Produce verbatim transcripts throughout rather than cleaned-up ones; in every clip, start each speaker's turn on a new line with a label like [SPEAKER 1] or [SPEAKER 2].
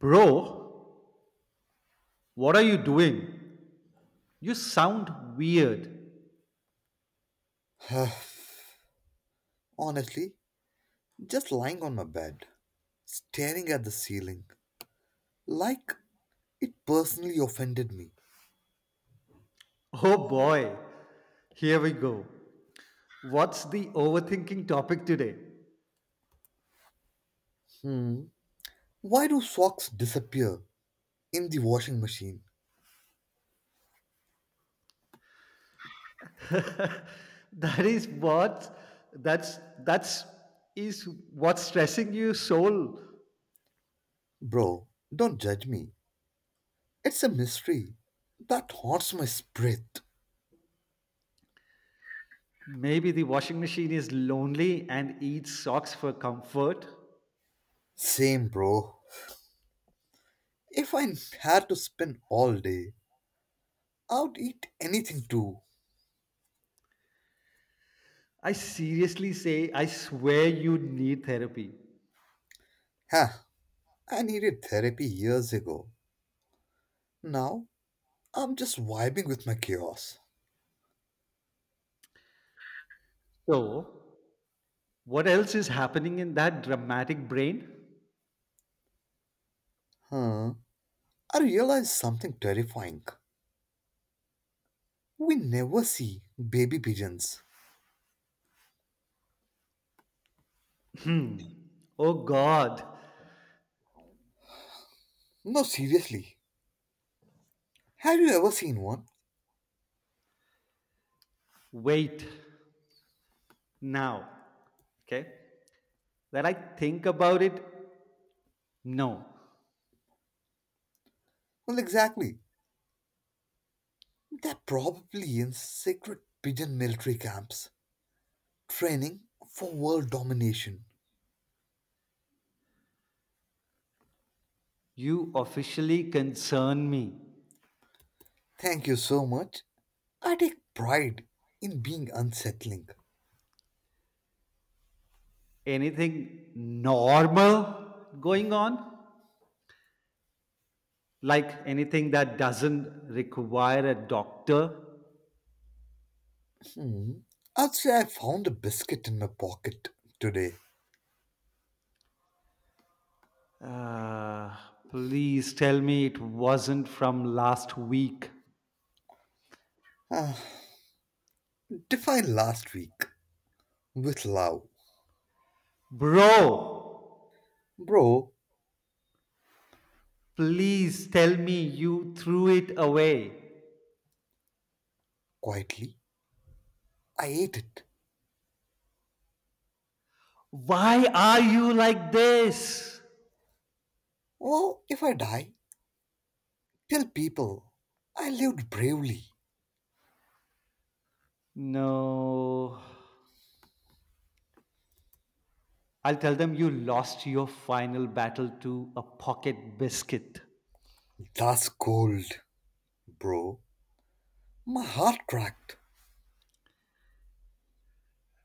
[SPEAKER 1] Bro, what are you doing? You sound weird.
[SPEAKER 2] Honestly, just lying on my bed, staring at the ceiling, like it personally offended me.
[SPEAKER 1] Oh boy, here we go. What's the overthinking topic today?
[SPEAKER 2] Hmm. Why do socks disappear in the washing machine?
[SPEAKER 1] that is what that's that's is what's stressing you soul.
[SPEAKER 2] Bro, don't judge me. It's a mystery that haunts my spirit.
[SPEAKER 1] Maybe the washing machine is lonely and eats socks for comfort.
[SPEAKER 2] Same, bro. If I had to spend all day, I would eat anything too.
[SPEAKER 1] I seriously say I swear you need therapy.
[SPEAKER 2] Huh, I needed therapy years ago. Now, I'm just vibing with my chaos.
[SPEAKER 1] So, what else is happening in that dramatic brain?
[SPEAKER 2] Huh. I realized something terrifying. We never see baby pigeons.
[SPEAKER 1] Oh God,
[SPEAKER 2] No, seriously. Have you ever seen one?
[SPEAKER 1] wait now. Okay. That I think about it. No.
[SPEAKER 2] Well, exactly. They're probably in secret pigeon military camps, training for world domination.
[SPEAKER 1] You officially concern me.
[SPEAKER 2] Thank you so much. I take pride in being unsettling.
[SPEAKER 1] Anything normal going on? Like anything that doesn't require a doctor?
[SPEAKER 2] Hmm. I'd say I found a biscuit in my pocket today.
[SPEAKER 1] Uh, Please tell me it wasn't from last week.
[SPEAKER 2] Ah, defined last week with love.
[SPEAKER 1] Bro,
[SPEAKER 2] Bro,
[SPEAKER 1] please tell me you threw it away.
[SPEAKER 2] quietly, I ate it.
[SPEAKER 1] Why are you like this?
[SPEAKER 2] Oh, if I die, tell people I lived bravely.
[SPEAKER 1] No. I'll tell them you lost your final battle to a pocket biscuit.
[SPEAKER 2] That's cold, bro. My heart cracked.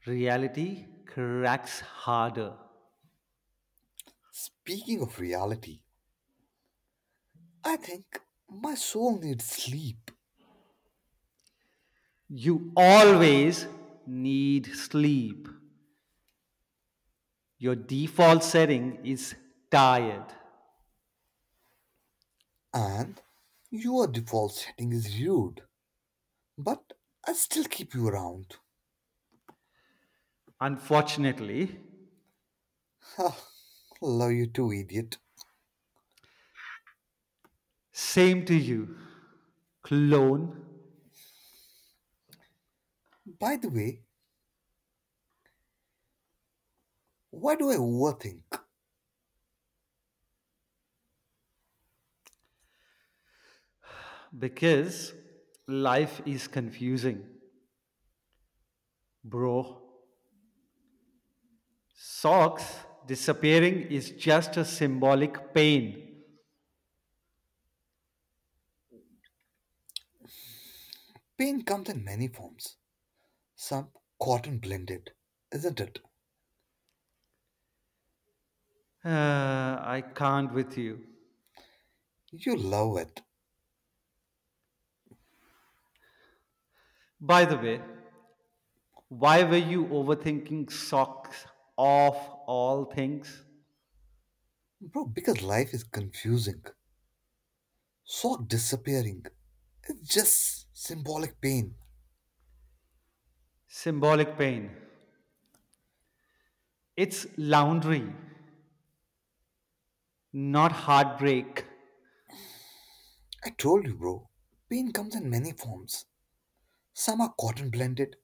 [SPEAKER 1] Reality cracks harder.
[SPEAKER 2] Speaking of reality, I think my soul needs sleep,
[SPEAKER 1] You always need sleep. Your default setting is tired.
[SPEAKER 2] and your default setting is rude, but I still keep you around.
[SPEAKER 1] Unfortunately,
[SPEAKER 2] Love you too, idiot.
[SPEAKER 1] same to you, clone,
[SPEAKER 2] By the way, why do I overthink?
[SPEAKER 1] because life is confusing, bro. Socks disappearing is just a symbolic pain.
[SPEAKER 2] Pain comes in many forms. Some cotton blended, isn't it?
[SPEAKER 1] Uh, I can't with you.
[SPEAKER 2] You love it,
[SPEAKER 1] By the way, why were you overthinking socks of all things?
[SPEAKER 2] bro, because life is confusing. So disappearing. It's just symbolic pain.
[SPEAKER 1] Symbolic pain. It's laundry, not heartbreak.
[SPEAKER 2] I told you, bro. Pain comes in many forms. Some are cotton blended,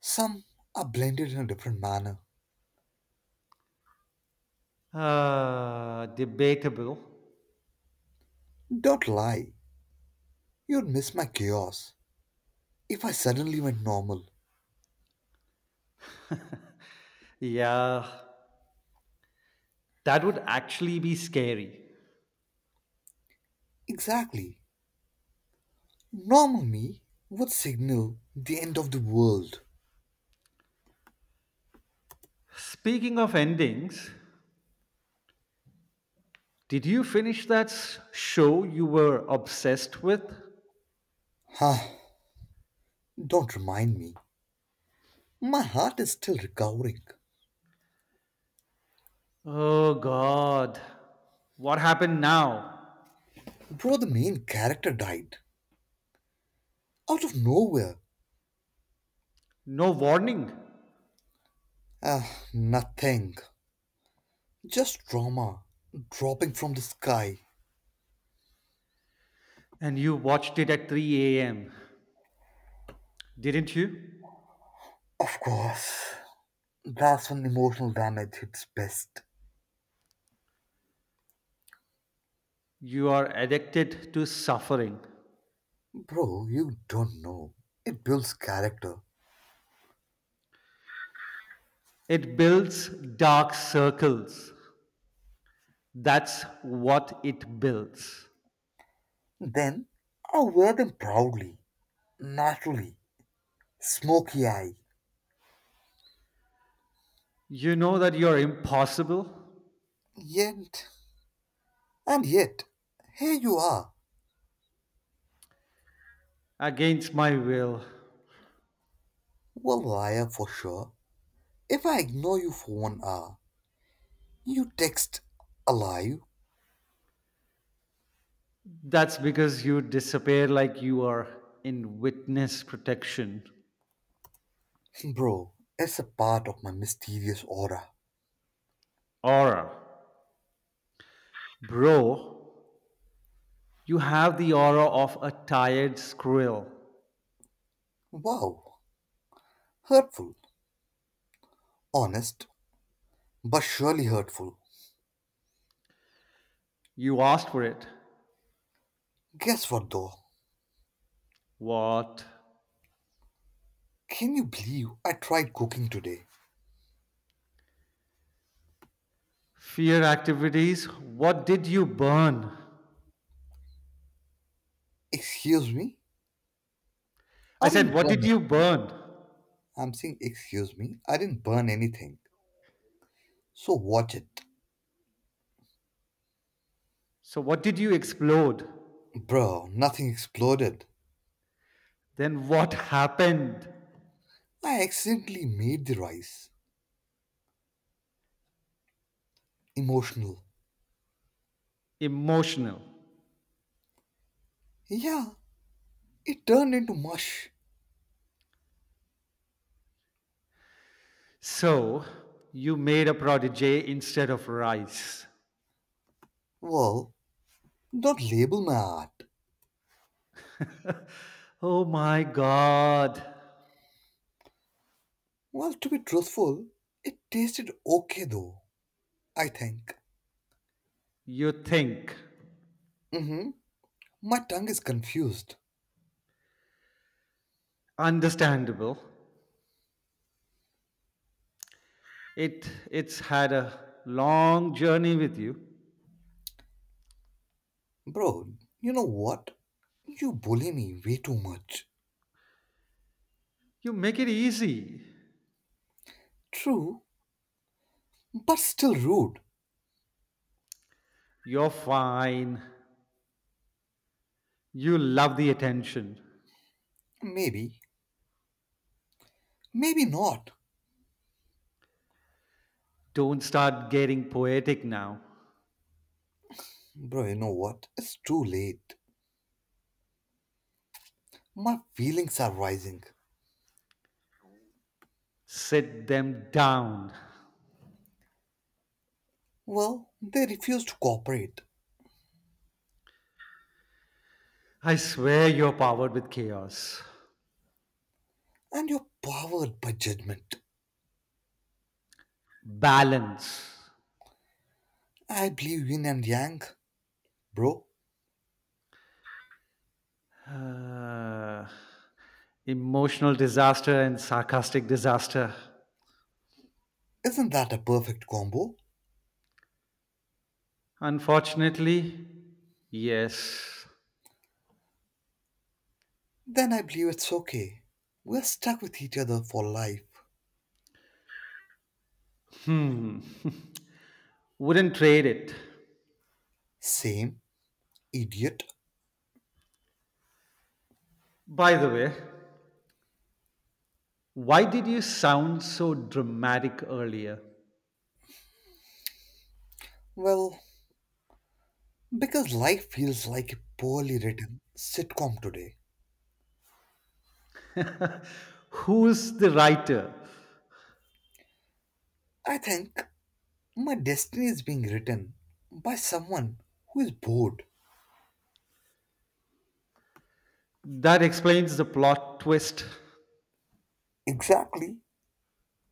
[SPEAKER 2] some are blended in a different manner.
[SPEAKER 1] Uh, debatable.
[SPEAKER 2] Don't lie. You'd miss my chaos if I suddenly went normal.
[SPEAKER 1] Yeah, that would actually be scary.
[SPEAKER 2] Exactly. Normal me would signal the end of the world.
[SPEAKER 1] Speaking of endings, did you finish that s- show you were obsessed with?
[SPEAKER 2] Huh. Don't remind me. My heart is still recovering.
[SPEAKER 1] Oh god. What happened now?
[SPEAKER 2] Bro, the main character died. Out of nowhere.
[SPEAKER 1] No warning.
[SPEAKER 2] Ah, nothing. Just drama, dropping from the sky.
[SPEAKER 1] And you watched it at three a m. Didn't you?
[SPEAKER 2] Of course, that's when emotional damage hits best.
[SPEAKER 1] You are addicted to suffering.
[SPEAKER 2] Bro, you don't know. It builds character.
[SPEAKER 1] It builds dark circles. That's what it builds.
[SPEAKER 2] Then, I wear them proudly, naturally, smoky eye.
[SPEAKER 1] You know that you're impossible
[SPEAKER 2] Yet, and yet, here you are.
[SPEAKER 1] against my will.
[SPEAKER 2] A liar for sure. If I ignore you for one hour, you text alive.
[SPEAKER 1] That's because you disappear like you are in witness protection.
[SPEAKER 2] Bro, it's a part of my mysterious aura.
[SPEAKER 1] Aura. Bro, you have the aura of a tired squirrel.
[SPEAKER 2] Wow, hurtful, honest, but surely hurtful.
[SPEAKER 1] You asked for it.
[SPEAKER 2] Guess what though?
[SPEAKER 1] What?
[SPEAKER 2] Can you believe I tried cooking today?
[SPEAKER 1] Fear activities? What did you burn?
[SPEAKER 2] Excuse me?
[SPEAKER 1] I
[SPEAKER 2] I
[SPEAKER 1] said,
[SPEAKER 2] didn't
[SPEAKER 1] what
[SPEAKER 2] burn
[SPEAKER 1] did
[SPEAKER 2] it.
[SPEAKER 1] you burn?
[SPEAKER 2] I'm saying, excuse me, I didn't burn anything. So watch it.
[SPEAKER 1] So, what did you explode?
[SPEAKER 2] Bro, nothing exploded.
[SPEAKER 1] Then, what happened?
[SPEAKER 2] I accidentally made the rice. Emotional.
[SPEAKER 1] Emotional.
[SPEAKER 2] Yeah, it turned into mush.
[SPEAKER 1] So, you made a protege instead of rice.
[SPEAKER 2] Well, don't label my art.
[SPEAKER 1] Oh my God.
[SPEAKER 2] Well, to be truthful, it tasted okay though, I think.
[SPEAKER 1] You think.
[SPEAKER 2] Mm hmm. My tongue is confused.
[SPEAKER 1] Understandable. It, it's had a long journey with you.
[SPEAKER 2] Bro, you know what? You bully me way too much.
[SPEAKER 1] You make it easy.
[SPEAKER 2] True, but still rude.
[SPEAKER 1] You're fine. You love the attention.
[SPEAKER 2] Maybe, maybe not.
[SPEAKER 1] Don't start getting poetic now.
[SPEAKER 2] Bro, you know what? It's too late. My feelings are rising.
[SPEAKER 1] Sit them down.
[SPEAKER 2] Well, they refuse to cooperate,
[SPEAKER 1] I swear you're powered with chaos,
[SPEAKER 2] and you're powered by judgment.
[SPEAKER 1] balance,
[SPEAKER 2] I believe yin and yang. Bro,
[SPEAKER 1] uh, emotional disaster, and sarcastic disaster.
[SPEAKER 2] isn't that a perfect combo?
[SPEAKER 1] Unfortunately, yes,
[SPEAKER 2] Then I believe it's okay. We're stuck with each other for life.
[SPEAKER 1] wouldn't trade it.
[SPEAKER 2] Same idiot.
[SPEAKER 1] By the way, why did you sound so dramatic earlier?
[SPEAKER 2] Well, because life feels like a poorly written sitcom today.
[SPEAKER 1] Who's the writer?
[SPEAKER 2] I think my destiny is being written by someone who is bored.
[SPEAKER 1] That explains the plot twist.
[SPEAKER 2] Exactly.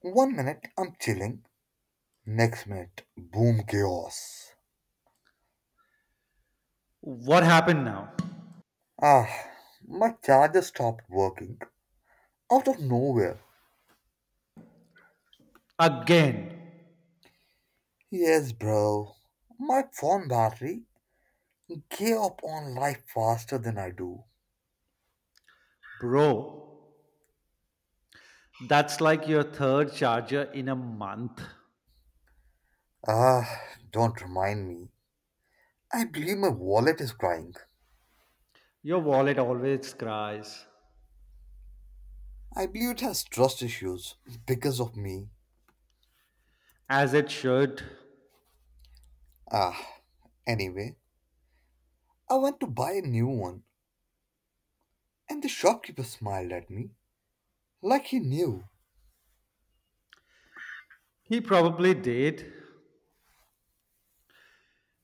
[SPEAKER 2] One minute I'm chilling, next minute, boom, chaos.
[SPEAKER 1] What happened now?
[SPEAKER 2] Ah, my charger stopped working out of nowhere.
[SPEAKER 1] Again,
[SPEAKER 2] Yes, bro. My phone battery gave up on life faster than I do.
[SPEAKER 1] bro, that's like your third charger in a month.
[SPEAKER 2] Ah, don't remind me. I believe my wallet is crying.
[SPEAKER 1] Your wallet always cries,
[SPEAKER 2] I believe it has trust issues because of me.
[SPEAKER 1] as it should.
[SPEAKER 2] Ah, anyway, I went to buy a new one, and the shopkeeper smiled at me like he knew.
[SPEAKER 1] He probably did.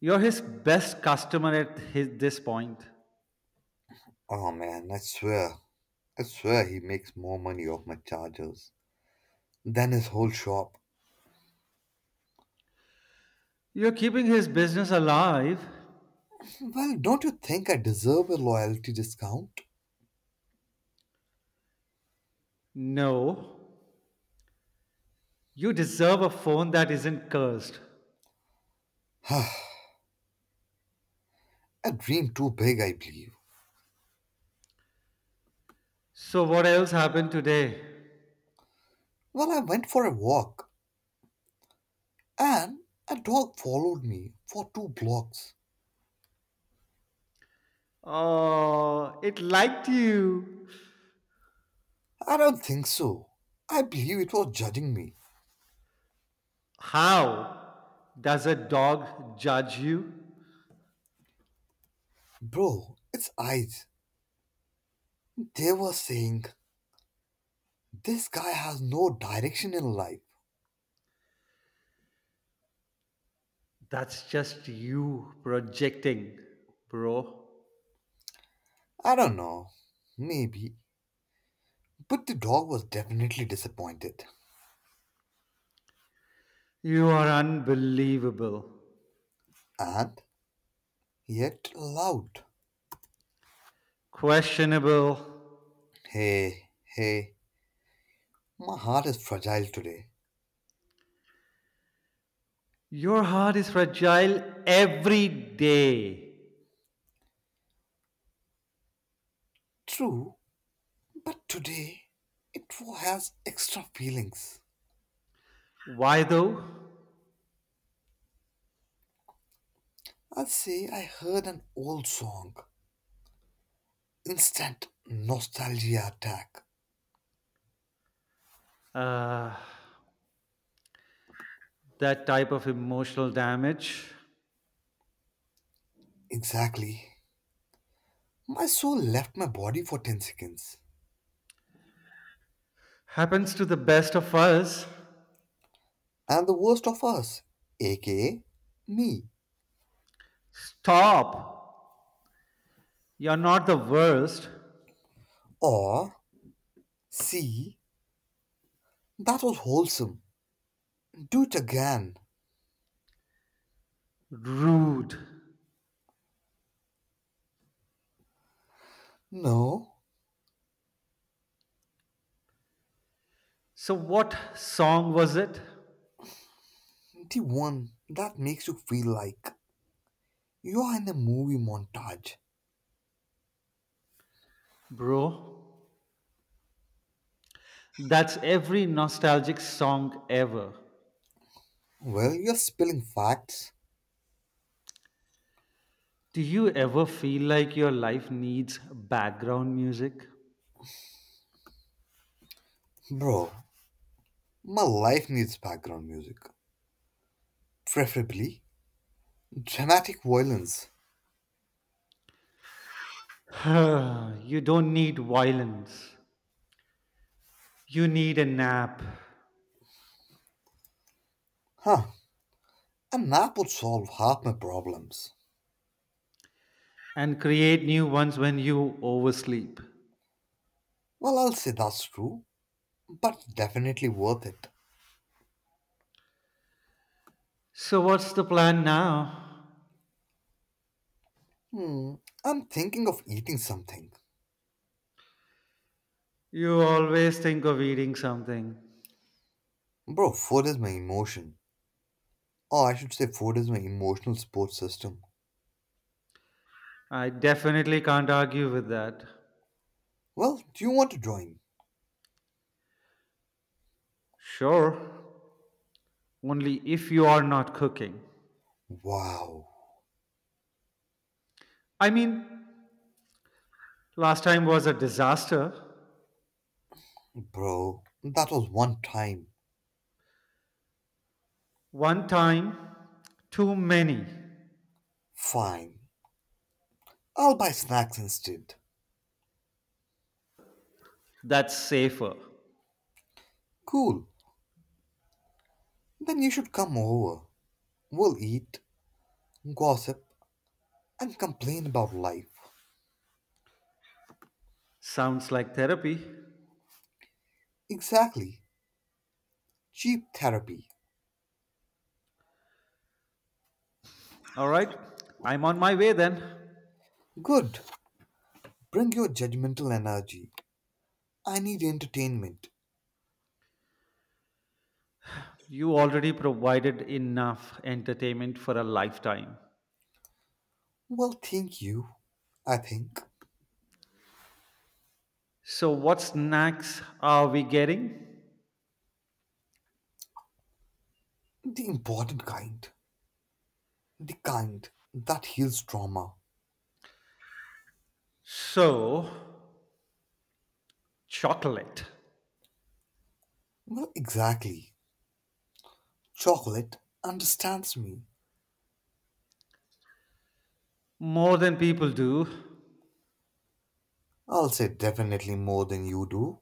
[SPEAKER 1] You're his best customer at his, this point.
[SPEAKER 2] Oh man, I swear, I swear he makes more money off my chargers than his whole shop.
[SPEAKER 1] You're keeping his business alive?
[SPEAKER 2] Well, don't you think I deserve a loyalty discount?
[SPEAKER 1] No. You deserve a phone that isn't cursed.
[SPEAKER 2] I dream too big, I believe.
[SPEAKER 1] So, what else happened today?
[SPEAKER 2] Well, I went for a walk, and a dog followed me for two blocks.
[SPEAKER 1] Oh, it liked you.
[SPEAKER 2] I don't think so. I believe it was judging me.
[SPEAKER 1] How? Does a dog judge you?
[SPEAKER 2] Bro, its eyes. They were saying, this guy has no direction in life.
[SPEAKER 1] That's just you projecting, bro.
[SPEAKER 2] I don't know. Maybe. But the dog was definitely disappointed.
[SPEAKER 1] You are unbelievable.
[SPEAKER 2] And yet loud.
[SPEAKER 1] Questionable.
[SPEAKER 2] Hey, hey, my heart is fragile today.
[SPEAKER 1] Your heart is fragile every day.
[SPEAKER 2] True, but today it has extra feelings.
[SPEAKER 1] Why though?
[SPEAKER 2] I'd say I heard an old song. Instant nostalgia attack.
[SPEAKER 1] Uh, that type of emotional damage
[SPEAKER 2] Exactly. My soul left my body for ten seconds.
[SPEAKER 1] happens to the best of us.
[SPEAKER 2] And the worst of us, aka me.
[SPEAKER 1] Stop. You're not the worst.
[SPEAKER 2] Or C, that was wholesome. Do it again.
[SPEAKER 1] Rude.
[SPEAKER 2] No,
[SPEAKER 1] So, what song was it,
[SPEAKER 2] the one that makes you feel like you're in a movie montage.
[SPEAKER 1] bro? That's every nostalgic song ever.
[SPEAKER 2] Well, you're spilling facts.
[SPEAKER 1] Do you ever feel like your life needs background music?
[SPEAKER 2] Bro, my life needs background music. Preferably dramatic violence.
[SPEAKER 1] you don't need violence. You need a nap
[SPEAKER 2] Huh, and that would solve half my problems.
[SPEAKER 1] and create new ones when you oversleep.
[SPEAKER 2] Well, I'll say that's true, but definitely worth it.
[SPEAKER 1] So, what's the plan now?
[SPEAKER 2] Hmm, I'm thinking of eating something.
[SPEAKER 1] You always think of eating something.
[SPEAKER 2] Bro, food is my emotion. Or I should say, food is my emotional support system.
[SPEAKER 1] I definitely can't argue with that.
[SPEAKER 2] Well, do you want to join?
[SPEAKER 1] Sure, only if you are not cooking.
[SPEAKER 2] Wow.
[SPEAKER 1] I mean, last time was a disaster.
[SPEAKER 2] Bro, that was one time.
[SPEAKER 1] One time, too many.
[SPEAKER 2] Fine. I'll buy snacks instead.
[SPEAKER 1] That's safer.
[SPEAKER 2] Cool. Then you should come over. We'll eat, gossip, and complain about life.
[SPEAKER 1] Sounds like therapy.
[SPEAKER 2] Exactly. Cheap therapy.
[SPEAKER 1] All right, I'm on my way then.
[SPEAKER 2] Good. Bring your judgmental energy. I need entertainment.
[SPEAKER 1] You already provided enough entertainment for a lifetime.
[SPEAKER 2] Well, thank you. I think.
[SPEAKER 1] So, what snacks are we getting?
[SPEAKER 2] The important kind. The kind that heals trauma.
[SPEAKER 1] So, chocolate.
[SPEAKER 2] Well, exactly. Chocolate understands me.
[SPEAKER 1] More than people do.
[SPEAKER 2] I'll say definitely more than you do.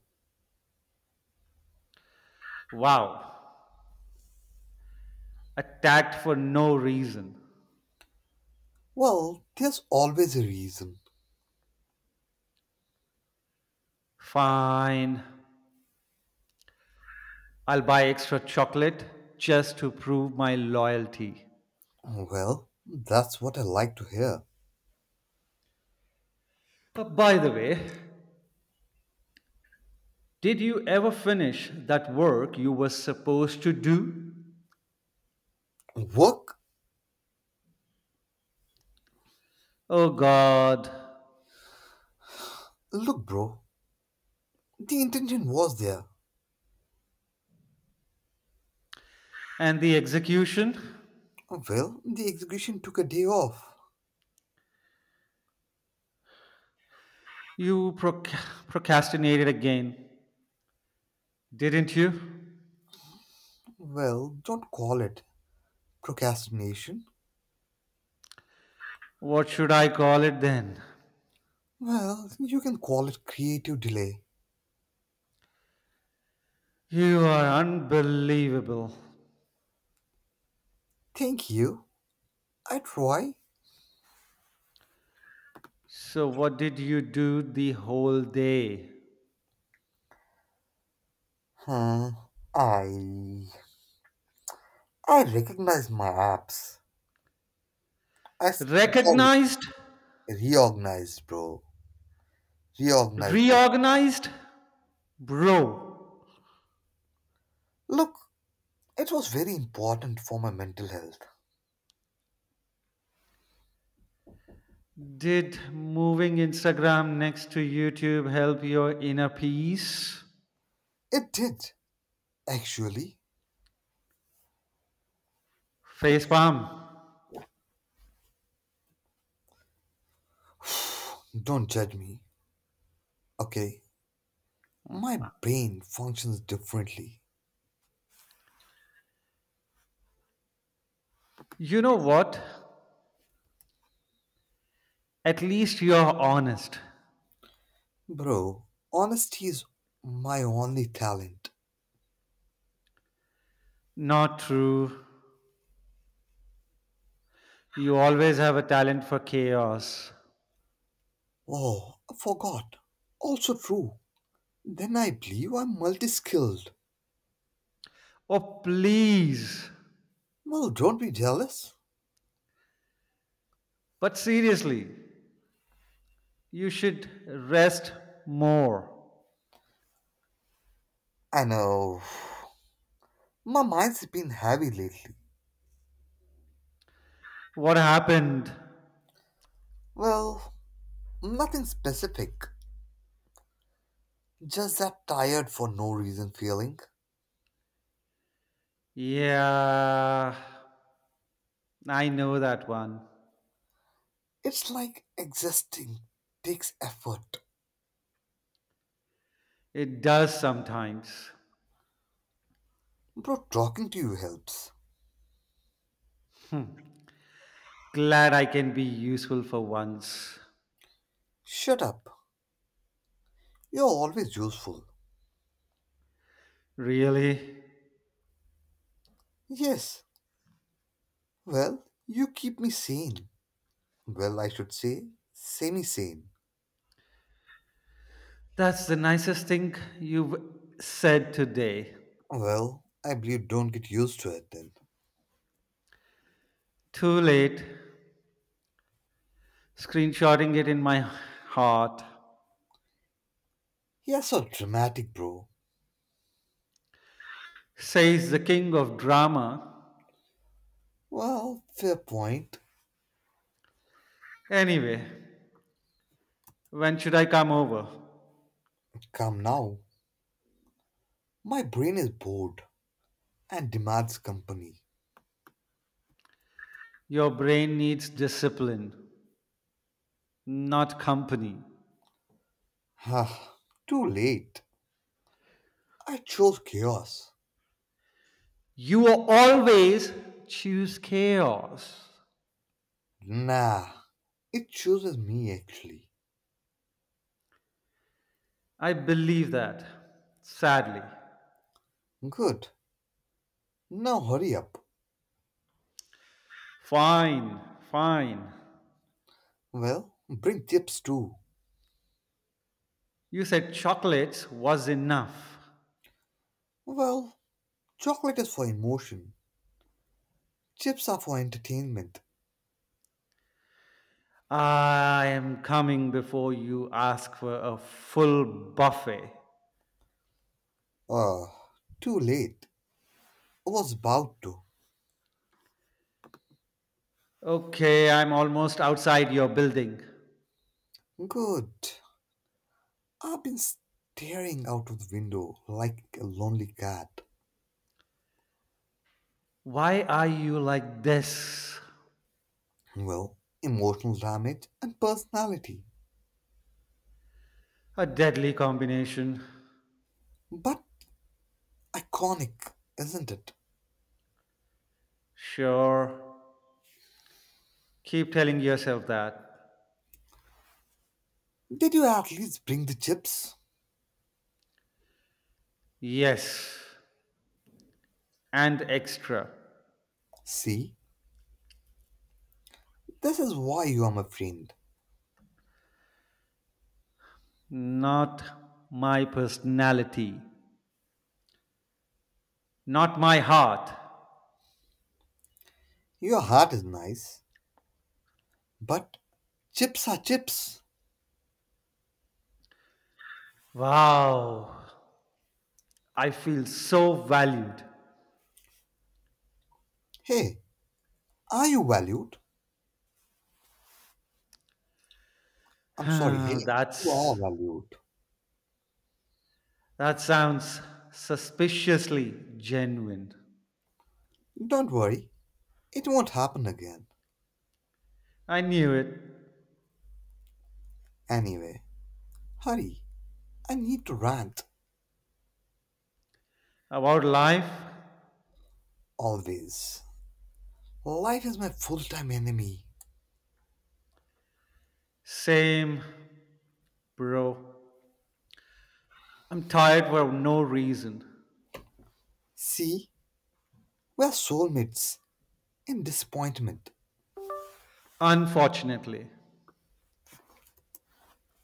[SPEAKER 1] Wow. Attacked for no reason.
[SPEAKER 2] Well, there's always a reason.
[SPEAKER 1] Fine. I'll buy extra chocolate just to prove my loyalty.
[SPEAKER 2] Well, that's what I like to hear.
[SPEAKER 1] Uh, by the way, did you ever finish that work you were supposed to do?
[SPEAKER 2] Work?
[SPEAKER 1] Oh God.
[SPEAKER 2] Look, bro, the intention was there.
[SPEAKER 1] And the execution?
[SPEAKER 2] Well, the execution took a day off.
[SPEAKER 1] You proc- procrastinated again, didn't you?
[SPEAKER 2] Well, don't call it procrastination.
[SPEAKER 1] What should I call it then?
[SPEAKER 2] Well, you can call it creative delay.
[SPEAKER 1] You are unbelievable.
[SPEAKER 2] Thank you. I try.
[SPEAKER 1] So, what did you do the whole day?
[SPEAKER 2] Huh. I. I recognize my apps. I s- Sorry,
[SPEAKER 1] Recognized?
[SPEAKER 2] reorganized, bro. Reorganized my app.
[SPEAKER 1] Reorganized? Bro,
[SPEAKER 2] Look, it was very important for my mental health.
[SPEAKER 1] did moving Instagram next to YouTube help your inner peace?
[SPEAKER 2] It did, actually.
[SPEAKER 1] Facepalm.
[SPEAKER 2] Don't judge me, okay? My brain functions differently.
[SPEAKER 1] You know what? At least you're honest.
[SPEAKER 2] Bro, honesty is my only talent.
[SPEAKER 1] Not true. You always have a talent for chaos.
[SPEAKER 2] Oh, I forgot. Also true. Then I believe I'm multi skilled.
[SPEAKER 1] Oh, please.
[SPEAKER 2] Well, don't be jealous.
[SPEAKER 1] But seriously, you should rest more.
[SPEAKER 2] I know. My mind's been heavy lately.
[SPEAKER 1] What happened?
[SPEAKER 2] Well, nothing specific. Just that tired for no reason feeling.
[SPEAKER 1] Yeah, I know that one.
[SPEAKER 2] It's like existing takes effort.
[SPEAKER 1] It does sometimes.
[SPEAKER 2] Bro, talking to you helps.
[SPEAKER 1] Glad I can be useful for once.
[SPEAKER 2] Shut up. You're always useful.
[SPEAKER 1] Really?
[SPEAKER 2] Yes. Well, you keep me sane. Well, I should say, semi sane.
[SPEAKER 1] That's the nicest thing you've said today.
[SPEAKER 2] Well, I believe don't get used to it then.
[SPEAKER 1] Too late. Screenshotting it in my heart.
[SPEAKER 2] Yeah, so dramatic, bro.
[SPEAKER 1] Says the king of drama.
[SPEAKER 2] Well, fair point.
[SPEAKER 1] Anyway, when should I come over?
[SPEAKER 2] Come now. My brain is bored and demands company.
[SPEAKER 1] Your brain needs discipline, not company.
[SPEAKER 2] Ah, too late. I chose chaos.
[SPEAKER 1] You always choose chaos.
[SPEAKER 2] Nah, it chooses me actually.
[SPEAKER 1] I believe that, sadly.
[SPEAKER 2] Good. Now hurry up.
[SPEAKER 1] Fine, fine.
[SPEAKER 2] Well, bring chips too.
[SPEAKER 1] You said chocolates was enough.
[SPEAKER 2] Well, chocolate is for emotion. Chips are for entertainment.
[SPEAKER 1] I am coming before you ask for a full buffet.
[SPEAKER 2] Ah, too late. I was about to.
[SPEAKER 1] Okay, I'm almost outside your building.
[SPEAKER 2] Good. I've been staring out of the window like a lonely cat.
[SPEAKER 1] Why are you like this?
[SPEAKER 2] Well, emotional damage and personality.
[SPEAKER 1] A deadly combination.
[SPEAKER 2] But iconic, isn't it?
[SPEAKER 1] Sure. Keep telling yourself that.
[SPEAKER 2] Did you at least bring the chips?
[SPEAKER 1] Yes. And extra.
[SPEAKER 2] See, this is why you are my friend.
[SPEAKER 1] Not my personality. Not my heart.
[SPEAKER 2] Your heart is nice, but chips are chips.
[SPEAKER 1] Wow. I feel so valued.
[SPEAKER 2] Hey, are you valued? I'm sorry, hey, you are
[SPEAKER 1] that's
[SPEAKER 2] valued.
[SPEAKER 1] that sounds suspiciously genuine.
[SPEAKER 2] Don't worry, it won't happen again.
[SPEAKER 1] I knew it.
[SPEAKER 2] Anyway, hurry, I need to rant
[SPEAKER 1] About life,
[SPEAKER 2] always. Life is my full time enemy.
[SPEAKER 1] same, bro. I'm tired for no reason.
[SPEAKER 2] See, we're soulmates in disappointment.
[SPEAKER 1] Unfortunately.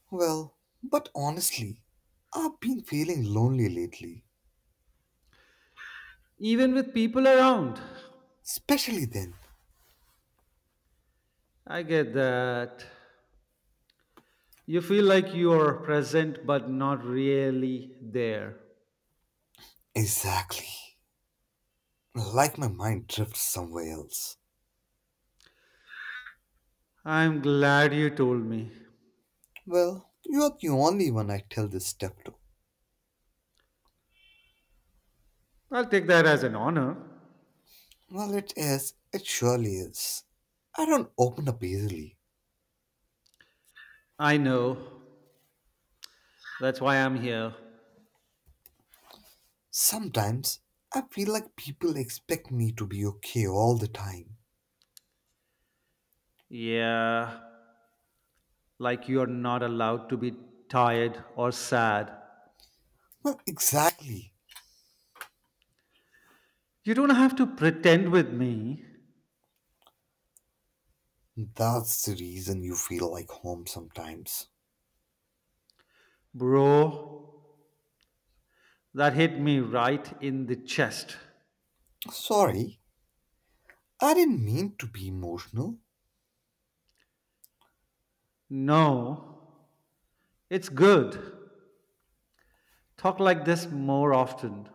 [SPEAKER 2] Well, but honestly, I've been feeling lonely lately.
[SPEAKER 1] Even with people around.
[SPEAKER 2] Especially then.
[SPEAKER 1] I get that. You feel like you're present but not really there.
[SPEAKER 2] Exactly. Like my mind drifts somewhere else.
[SPEAKER 1] I'm glad you told me.
[SPEAKER 2] Well, you're the only one I tell this stuff to.
[SPEAKER 1] I'll take that as an honor.
[SPEAKER 2] Well, it is. It surely is. I don't open up easily.
[SPEAKER 1] I know. That's why I'm here.
[SPEAKER 2] Sometimes I feel like people expect me to be okay all the time.
[SPEAKER 1] Yeah, like you're not allowed to be tired or sad.
[SPEAKER 2] Well, exactly.
[SPEAKER 1] You don't have to pretend with me.
[SPEAKER 2] That's the reason you feel like home sometimes.
[SPEAKER 1] Bro, that hit me right in the chest.
[SPEAKER 2] Sorry, I didn't mean to be emotional.
[SPEAKER 1] No, it's good. Talk like this more often.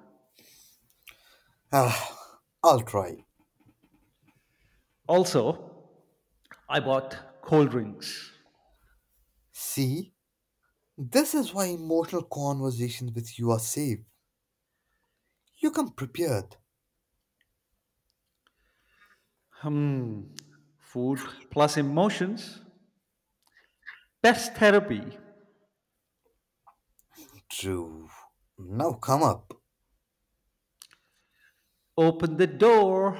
[SPEAKER 2] Ah, I'll try.
[SPEAKER 1] Also, I bought cold drinks.
[SPEAKER 2] See, this is why emotional conversations with you are safe. You come prepared.
[SPEAKER 1] Hmm. Food plus emotions. Best therapy.
[SPEAKER 2] True. Now come up.
[SPEAKER 1] Open the door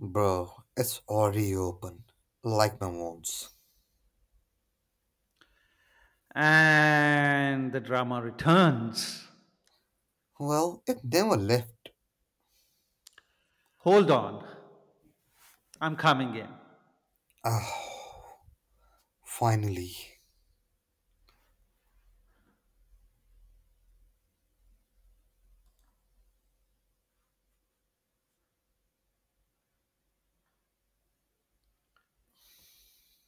[SPEAKER 2] Bro, it's already open. Like my wounds.
[SPEAKER 1] and the drama returns.
[SPEAKER 2] Well, it never left.
[SPEAKER 1] Hold on. I'm coming in.
[SPEAKER 2] Ah, finally.